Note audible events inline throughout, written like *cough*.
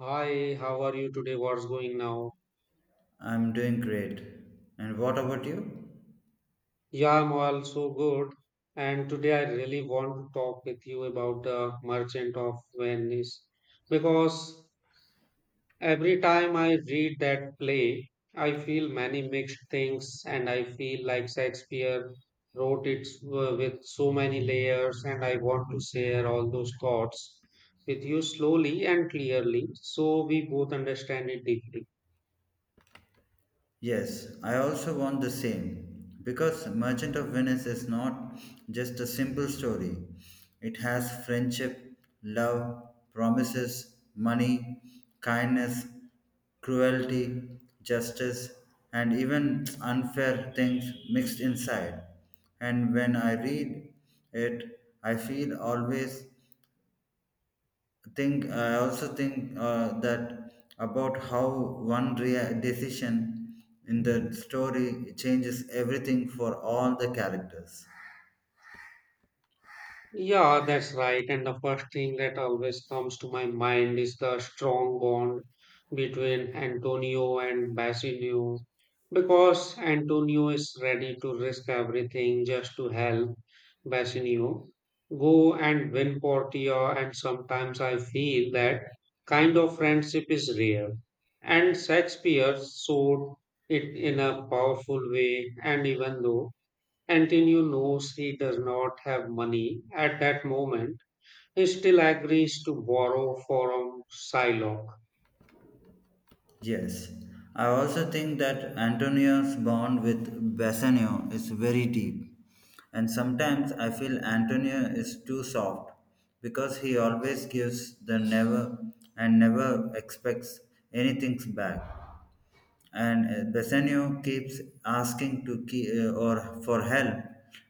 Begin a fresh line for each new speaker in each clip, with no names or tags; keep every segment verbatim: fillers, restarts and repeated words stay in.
Hi, how are you today? What's going now?
I'm doing great. And what about you?
Yeah, I'm also good. And today I really want to talk with you about the Merchant of Venice because every time I read that play, I feel many mixed things and I feel like Shakespeare wrote it uh, with so many layers and I want to share all those thoughts with you slowly and clearly so we both understand it deeply.
Yes, I also want the same. Because Merchant of Venice is not just a simple story, it has friendship, love, promises, money, kindness, cruelty, justice, and even *tsk* unfair things mixed inside. And when I read it, I feel always think I also think uh, that about how one rea- decision in the story changes everything for all the characters.
Yeah, that's right. And the first thing that always comes to my mind is the strong bond between Antonio and Basilio. Because Antonio is ready to risk everything just to help Basilio go and win Portia. And sometimes I feel that kind of friendship is rare. And Shakespeare showed it in a powerful way. And even though Antonio knows he does not have money at that moment, he still agrees to borrow from Psylocke.
Yes, i also think that antonio's bond with bassanio is very deep, and sometimes i feel antonio is too soft because he always gives the never and never expects anything back. And uh, Bassanio keeps asking to key, uh, or for help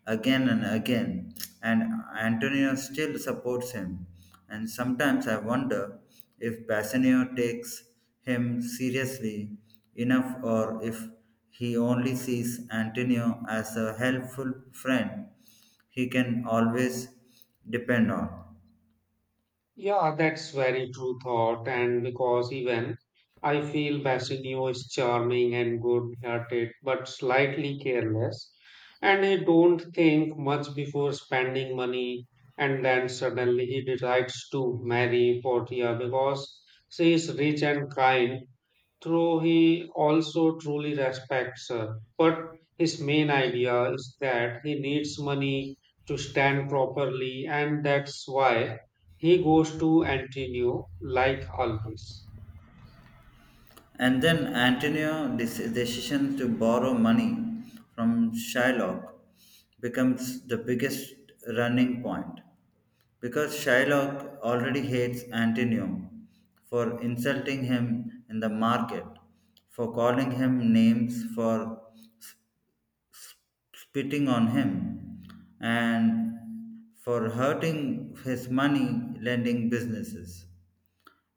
again and again, and Antonio still supports him. And sometimes I wonder if Bassanio takes him seriously enough, or if he only sees Antonio as a helpful friend he can always depend on.
Yeah, that's very true thought, and because even I feel Bassanio is charming and good-hearted, but slightly careless, and he don't think much before spending money, and then suddenly he decides to marry Portia because she is rich and kind, though he also truly respects her. But his main idea is that he needs money to stand properly, and that's why he goes to Antonio like always.
And then Antonio's dec- decision to borrow money from Shylock becomes the biggest running point, because Shylock already hates Antonio for insulting him in the market, for calling him names, for spitting on him, and for hurting his money lending businesses.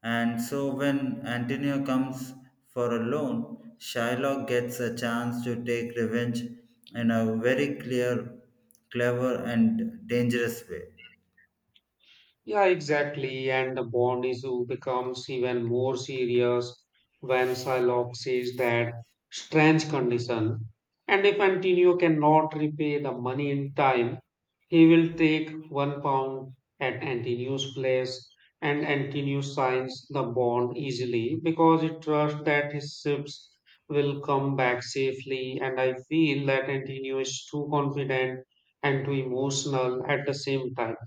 And so when Antonio comes for a loan, Shylock gets a chance to take revenge in a very clear, clever, and dangerous way.
Yeah, exactly. And the bond issue becomes even more serious when Shylock sees that strange condition. And if Antonio cannot repay the money in time, he will take one pound at Antonio's place. And Antonio signs the bond easily because he trusts that his ships will come back safely. And I feel that Antonio is too confident and too emotional at the same time.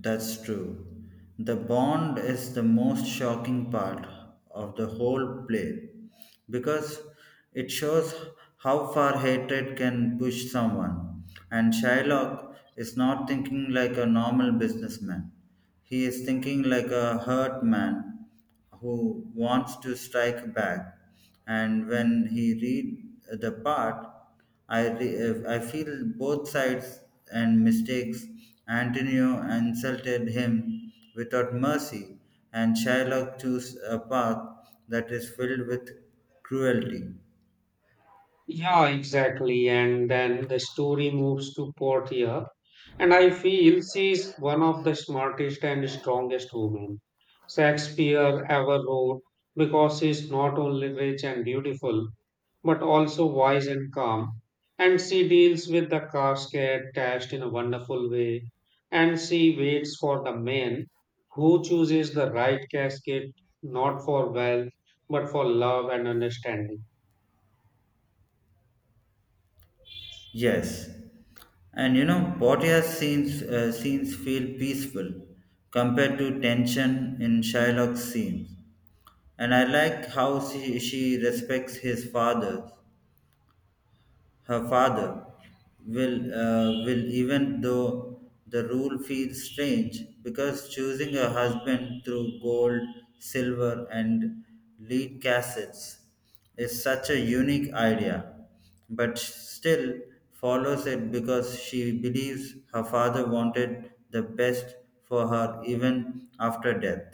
That's true. The bond is the most shocking part of the whole play because it shows how far hatred can push someone. And Shylock is not thinking like a normal businessman. He is thinking like a hurt man who wants to strike back. And when he read the part, I, re- I feel both sides and mistakes. Antonio insulted him without mercy, and Shylock chose a path that is filled with cruelty.
Yeah, exactly. And then the story moves to Portia. And I feel she's one of the smartest and strongest women Shakespeare ever wrote because she's not only rich and beautiful, but also wise and calm. And she deals with the casket test in a wonderful way. And she waits for the man who chooses the right casket, not for wealth, but for love and understanding.
Yes, and you know, Bhatia scenes uh, scenes feel peaceful compared to tension in Shylock's scenes, and I like how she, she respects his father her father will uh, will, even though the rule feels strange, because choosing a husband through gold, silver, and lead cassettes is such a unique idea, but still follows it because she believes her father wanted the best for her even after death.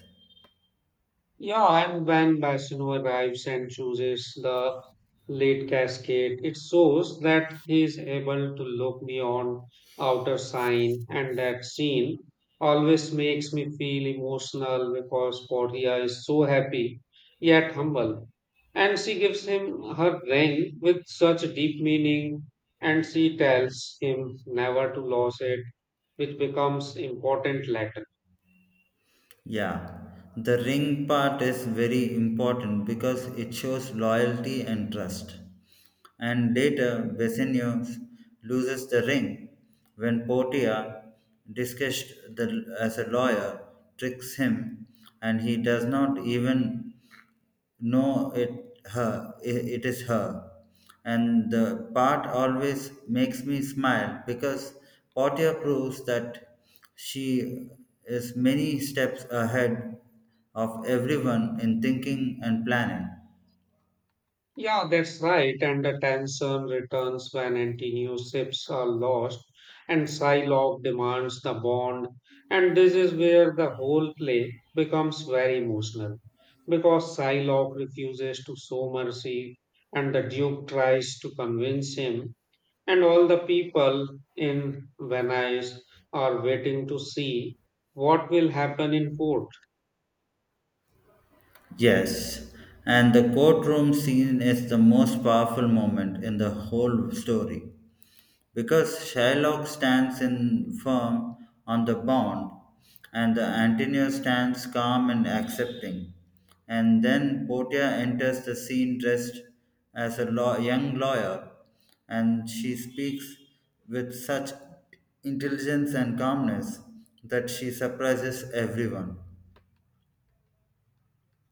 Yeah, and when Basino arrives and chooses the late cascade, it shows that he is able to look beyond outer sign, and that scene always makes me feel emotional because Portia is so happy yet humble. And she gives him her ring with such deep meaning, and she tells him never to lose it, which becomes important later.
Yeah, the ring part is very important because it shows loyalty and trust. And later, Bassanio loses the ring when Portia, discussed the, as a lawyer, tricks him, and he does not even no, it her. I- It is her. And the part always makes me smile because Portia proves that she is many steps ahead of everyone in thinking and planning.
Yeah, that's right. And the tension returns when anti ships are lost and Psylocke demands the bond. And this is where the whole play becomes very emotional because Psylocke refuses to show mercy and the Duke tries to convince him. And all the people in Venice are waiting to see what will happen in court.
Yes, and the courtroom scene is the most powerful moment in the whole story, because Shylock stands in firm on the bond, and the Antonio stands calm and accepting. And then Portia enters the scene dressed as a law- young lawyer, and she speaks with such intelligence and calmness that she surprises everyone.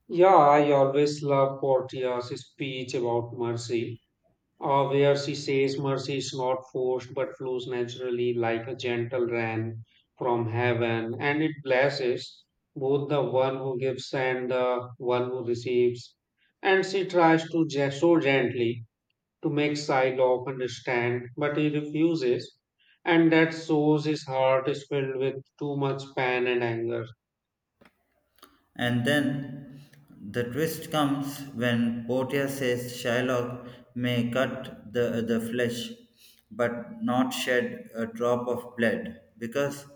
Yeah, I always love Portia's speech about mercy uh, where she says mercy is not forced but flows naturally like a gentle rain from heaven, and it blesses both the one who gives and the one who receives. And she tries to ge- so gently to make Shylock understand, but he refuses, and that shows his heart is filled with too much pain and anger.
And then the twist comes when Portia says Shylock may cut the, the flesh but not shed a drop of blood, because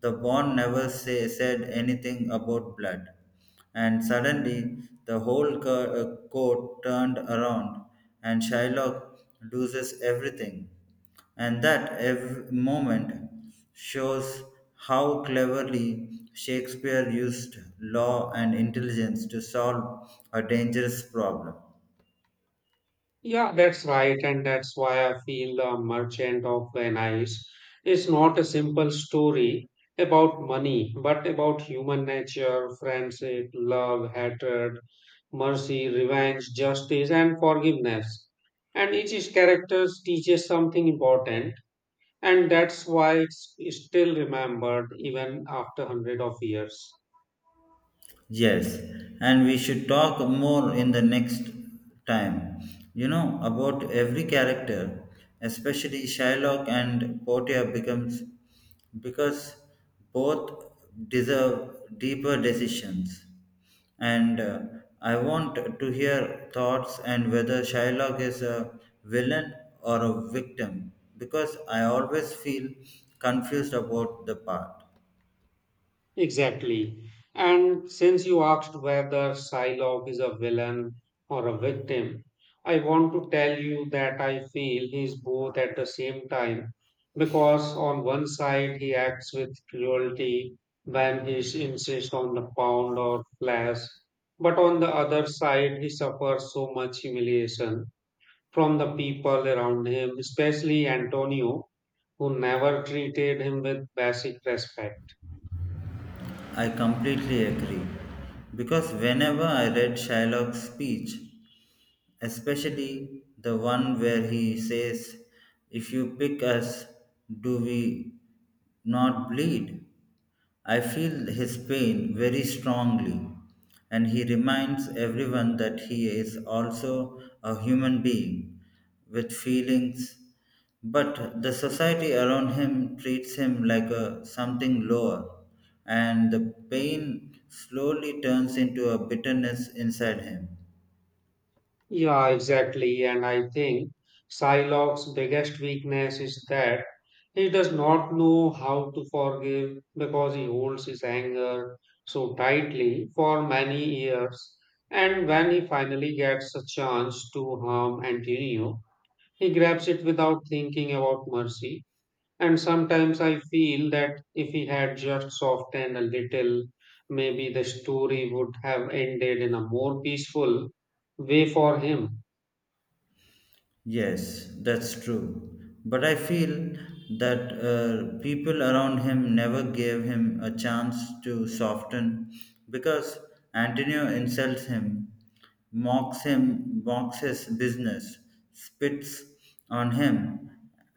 the bond never say, said anything about blood. And suddenly the whole cur- uh, court turned around and Shylock loses everything, and that ev- moment shows how cleverly Shakespeare used law and intelligence to solve a dangerous problem.
Yeah, that's right, and that's why I feel The Merchant of Venice is not a simple story about money, but about human nature, friendship, love, hatred, mercy, revenge, justice, and forgiveness. And each character teaches something important, and that's why it's still remembered even after hundred of years.
Yes, and we should talk more in the next time, you know, about every character, especially Shylock and Portia becomes, because both deserve deeper decisions. And uh, I want to hear thoughts and whether Shylock is a villain or a victim, because I always feel confused about the part.
Exactly. And since you asked whether Psylocke is a villain or a victim, I want to tell you that I feel he is both at the same time because on one side he acts with cruelty when he s- insists on the pound or flash, but on the other side he suffers so much humiliation from the people around him, especially Antonio, who never treated him with basic respect.
I completely agree. Because whenever I read Shylock's speech, especially the one where he says, if you pick us, do we not bleed? I feel his pain very strongly, and he reminds everyone that he is also a human being with feelings, but the society around him treats him like a, something lower, and the pain slowly turns into a bitterness inside him.
Yeah, exactly. And I think Psylocke's biggest weakness is that he does not know how to forgive because he holds his anger so tightly for many years. And when he finally gets a chance to harm Antonio, he grabs it without thinking about mercy. And sometimes I feel that if he had just softened a little, maybe the story would have ended in a more peaceful way for him.
Yes, that's true. But I feel that uh, people around him never gave him a chance to soften, because Antonio insults him, mocks him, mocks his business, spits on him,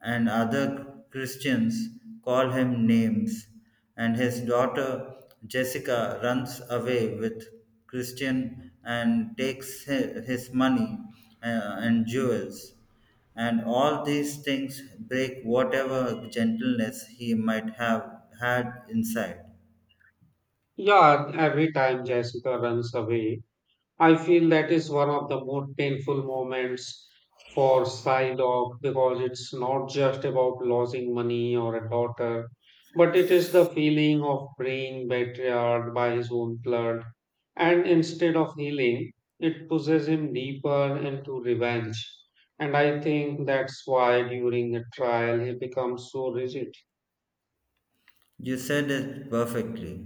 and other Christians call him names, and his daughter Jessica runs away with Christian and takes hi- his money uh, and jewels. And all these things break whatever gentleness he might have had inside.
Yeah, every time Jessica runs away, I feel that is one of the most painful moments for Psylocke because it's not just about losing money or a daughter, but it is the feeling of being betrayed by his own blood. And instead of healing, it pushes him deeper into revenge. And I think that's why during the trial he becomes so rigid.
You said it perfectly.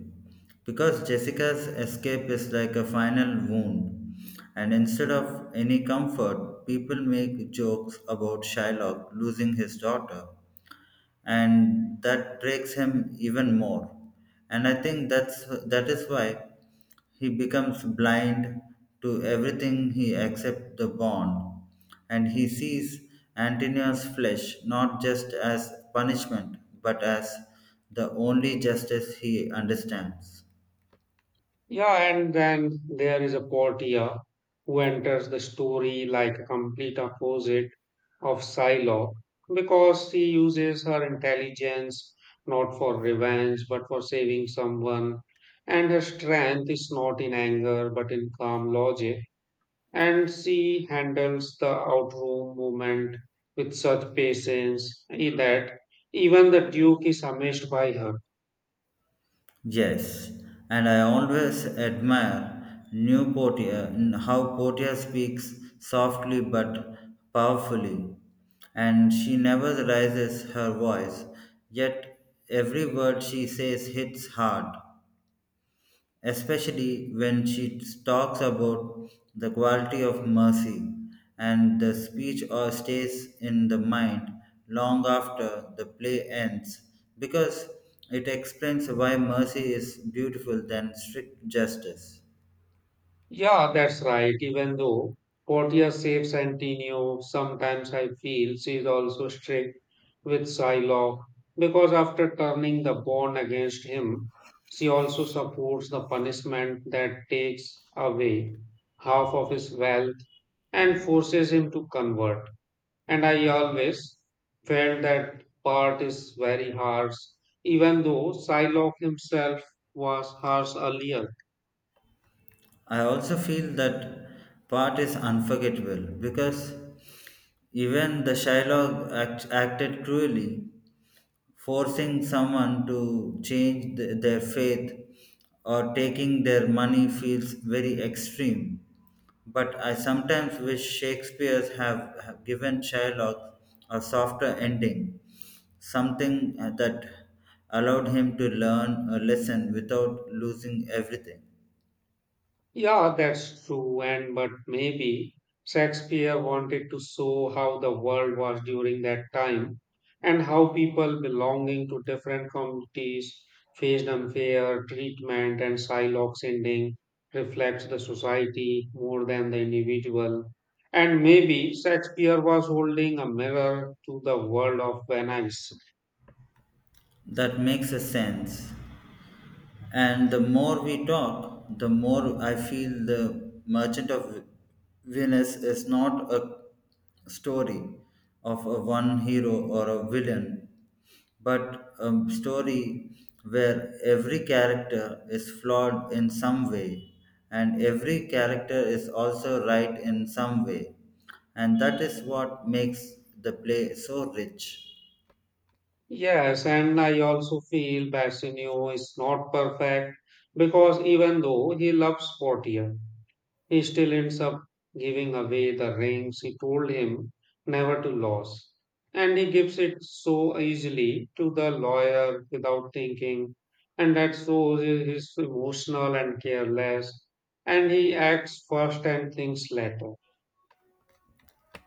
Because Jessica's escape is like a final wound, and instead of any comfort, people make jokes about Shylock losing his daughter, and that breaks him even more. And I think that's that is why he becomes blind to everything he except the bond, and he sees Antonia's flesh not just as punishment but as the only justice he understands.
Yeah, and then there is a Portia who enters the story like a complete opposite of Psylocke because she uses her intelligence not for revenge but for saving someone, and her strength is not in anger but in calm logic. And she handles the outroom movement with such patience that even the Duke is amazed by her.
Yes, and I always admire New Portia in how Portia speaks softly but powerfully, and she never raises her voice, yet every word she says hits hard, especially when she talks about the quality of mercy, and the speech or stays in the mind long after the play ends because it explains why mercy is beautiful than strict justice.
Yeah, that's right. Even though Portia saves Antonio, sometimes I feel she is also strict with Psylocke because after turning the bond against him, she also supports the punishment that takes away half of his wealth and forces him to convert. And I always felt that part is very harsh, even though Psylocke himself was harsh earlier.
I also feel that part is unforgettable because even the Shylock act- acted cruelly, forcing someone to change th- their faith or taking their money feels very extreme. But I sometimes wish Shakespeare's have, have given Shylock a softer ending, something that allowed him to learn a lesson without losing everything.
Yeah, that's true, and but maybe Shakespeare wanted to show how the world was during that time and how people belonging to different communities faced unfair treatment and Shylock's ending reflects the society more than the individual. And maybe Shakespeare was holding a mirror to the world of Venice.
That makes a sense. And the more we talk, the more I feel the Merchant of Venice is not a story of a one hero or a villain, but a story where every character is flawed in some way, and every character is also right in some way. And that is what makes the play so rich.
Yes, and I also feel Bassanio is not perfect because even though he loves Portia, he still ends up giving away the rings he told him never to lose. And he gives it so easily to the lawyer without thinking, and that shows he- he's emotional and careless, and he acts first and thinks later.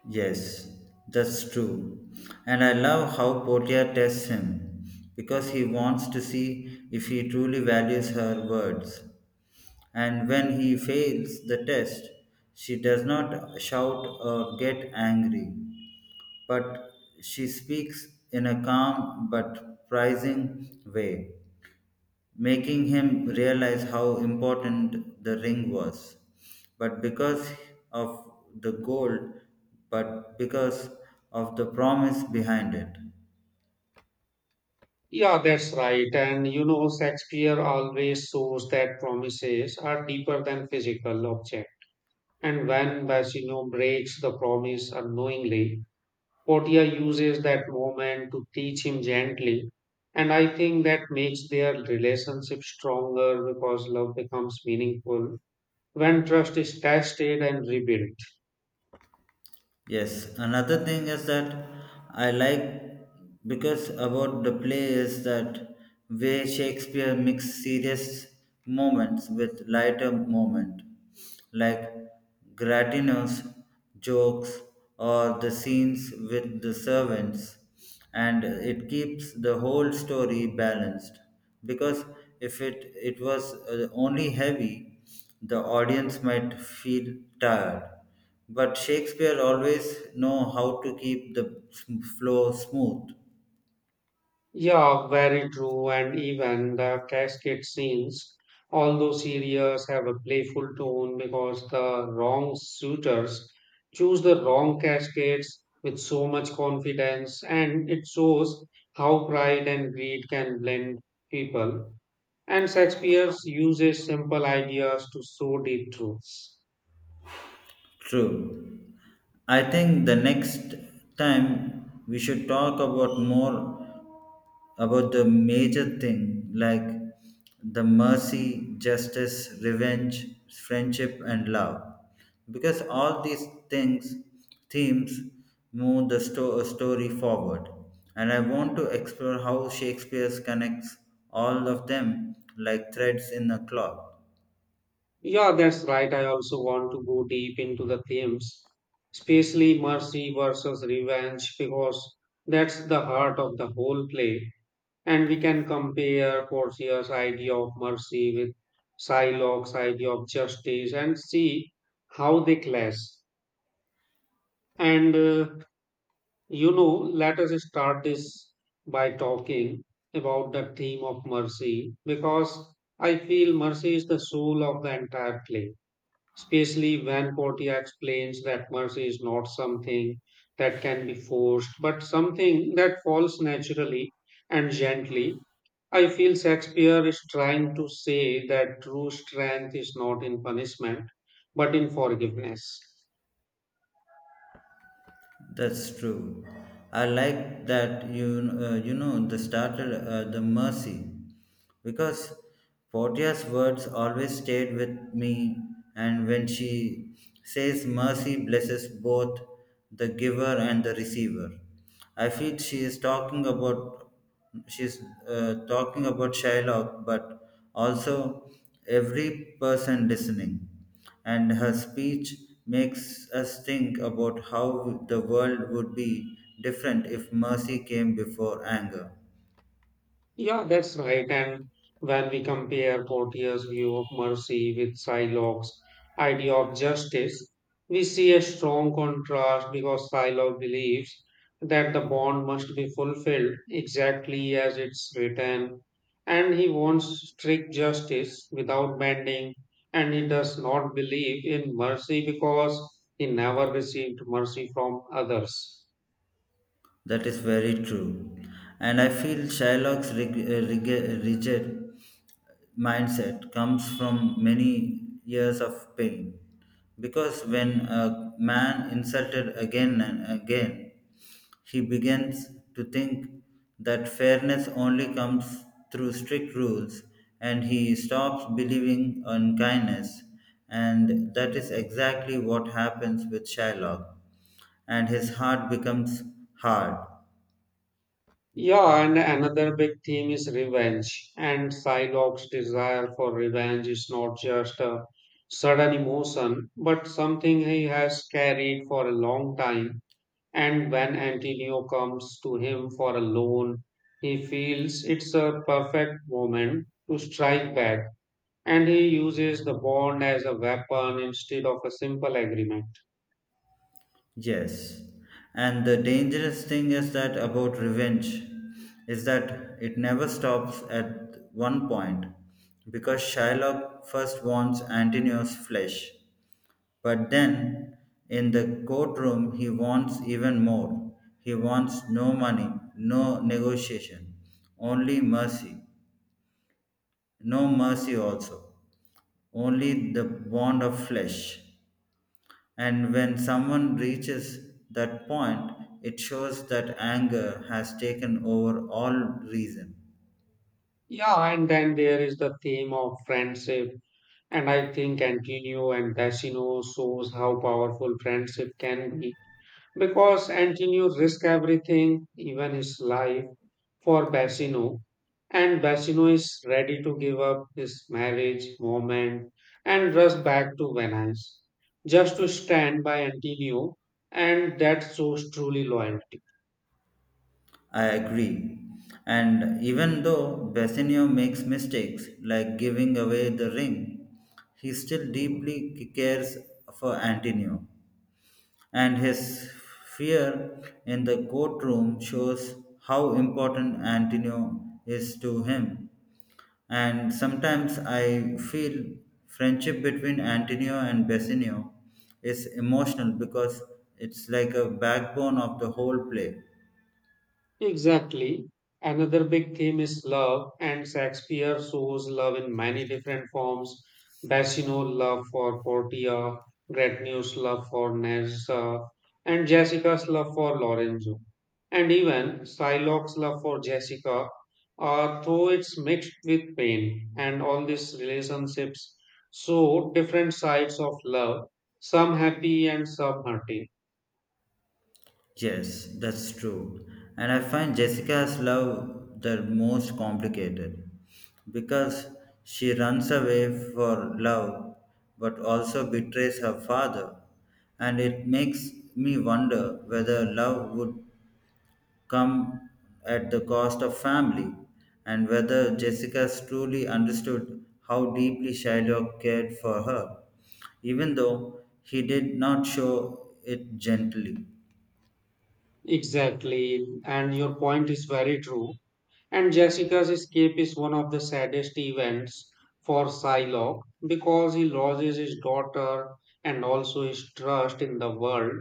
Yes, that's true. And I love how Portia tests him because he wants to see if he truly values her words. And when he fails the test, she does not shout or get angry, but she speaks in a calm but prizing way, making him realize how important the ring was. But because of the gold, but because of the promise behind it.
Yeah, that's right. And you know, Shakespeare always shows that promises are deeper than physical object. And when Basino breaks the promise unknowingly, Portia uses that moment to teach him gently. And I think that makes their relationship stronger because love becomes meaningful when trust is tested and rebuilt.
Yes, another thing is that I like because about the play is that way Shakespeare mixed serious moments with lighter moment, like Gratino's jokes or the scenes with the servants, and it keeps the whole story balanced. Because if it it was uh, only heavy, the audience might feel tired, but Shakespeare always know how to keep the flow smooth.
Yeah, very true. And even the casket scenes, although serious, have a playful tone because the wrong suitors choose the wrong caskets with so much confidence, and it shows how pride and greed can blend people. And Shakespeare uses simple ideas to show deep truths.
True. I think the next time we should talk about more about the major thing like the mercy, justice, revenge, friendship, and love. Because all these things, themes, move the sto- story forward. And I want to explore how Shakespeare connects all of them like threads in a cloth.
Yeah, that's right. I also want to go deep into the themes, especially mercy versus revenge, because that's the heart of the whole play. And we can compare Portia's idea of mercy with Psylocke's idea of justice and see how they clash. And uh, you know, let us start this by talking about the theme of mercy, because I feel mercy is the soul of the entire play especially when Portia explains that mercy is not something that can be forced, but something that falls naturally and gently. I feel Shakespeare is trying to say that true strength is not in punishment, but in forgiveness.
That's true. I like that you uh, you know the started uh, the mercy, because Portia's words always stayed with me, and when she says mercy blesses both the giver and the receiver, I feel she is talking about she's uh, talking about Shylock, but also every person listening, and her speech makes us think about how the world would be different if mercy came before anger.
Yeah, that's right. And when we compare Portier's view of mercy with Shylock's idea of justice, we see a strong contrast because Shylock believes that the bond must be fulfilled exactly as it's written, and he wants strict justice without bending, and he does not believe in mercy because he never received mercy from others.
That is very true. And I feel Shylock's reg- uh, reg- uh, rigid mindset comes from many years of pain. Because when a man insulted again and again, he begins to think that fairness only comes through strict rules, and he stops believing in kindness. And that is exactly what happens with Shylock, and his heart becomes hard.
Yeah, and another big theme is revenge. And Psylocke's desire for revenge is not just a sudden emotion, but something he has carried for a long time. And when Antonio comes to him for a loan, he feels it's a perfect moment to strike back. And he uses the bond as a weapon instead of a simple agreement.
Yes. And the dangerous thing is that about revenge is that it never stops at one point, because Shylock first wants Antinous' flesh, but then in the courtroom he wants even more. He wants no money, no negotiation, only mercy. No mercy also, only the bond of flesh. And when someone reaches that point, it shows that anger has taken over all reason.
Yeah, and then there is the theme of friendship. And I think Antonio and Tassino shows how powerful friendship can be because Antonio risked everything, even his life, for Bassino. And Bassino is ready to give up his marriage moment and rush back to Venice just to stand by Antonio, and that shows truly loyalty.
I agree. And even though Bassanio makes mistakes like giving away the ring, he still deeply cares for Antonio. And his fear in the courtroom shows how important Antonio is to him. And sometimes I feel friendship between Antonio and Bassanio is emotional because it's like a backbone of the whole play.
Exactly. Another big theme is love, and Shakespeare shows love in many different forms. Bassino love for Portia, Gretnew's love for Nerissa, and Jessica's love for Lorenzo. And even Shylock's love for Jessica, uh, though it's mixed with pain, and all these relationships show different sides of love, some happy and some hurting.
Yes, that's true. And I find Jessica's love the most complicated because she runs away for love but also betrays her father. And it makes me wonder whether love would come at the cost of family, and whether Jessica's truly understood how deeply Shylock cared for her, even though he did not show it gently.
Exactly, and your point is very true. And Jessica's escape is one of the saddest events for Psylocke because he loses his daughter and also his trust in the world,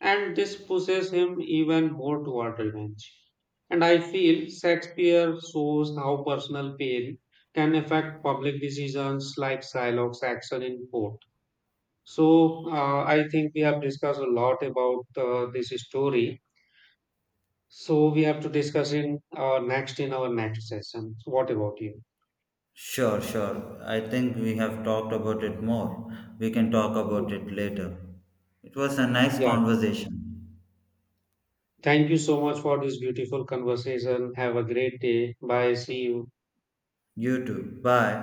and this pushes him even more toward revenge. And I feel Shakespeare shows how personal pain can affect public decisions like Psylocke's action in court. So, uh, I think we have discussed a lot about uh, this story. So we have to discuss in our next in our next session. So what about you?
Sure, sure. I think we have talked about it more. We can talk
Yeah.
about it later. It was a nice
Yeah.
conversation.
Thank you so much for this beautiful conversation. Have a great day. Bye. See you.
You too. Bye.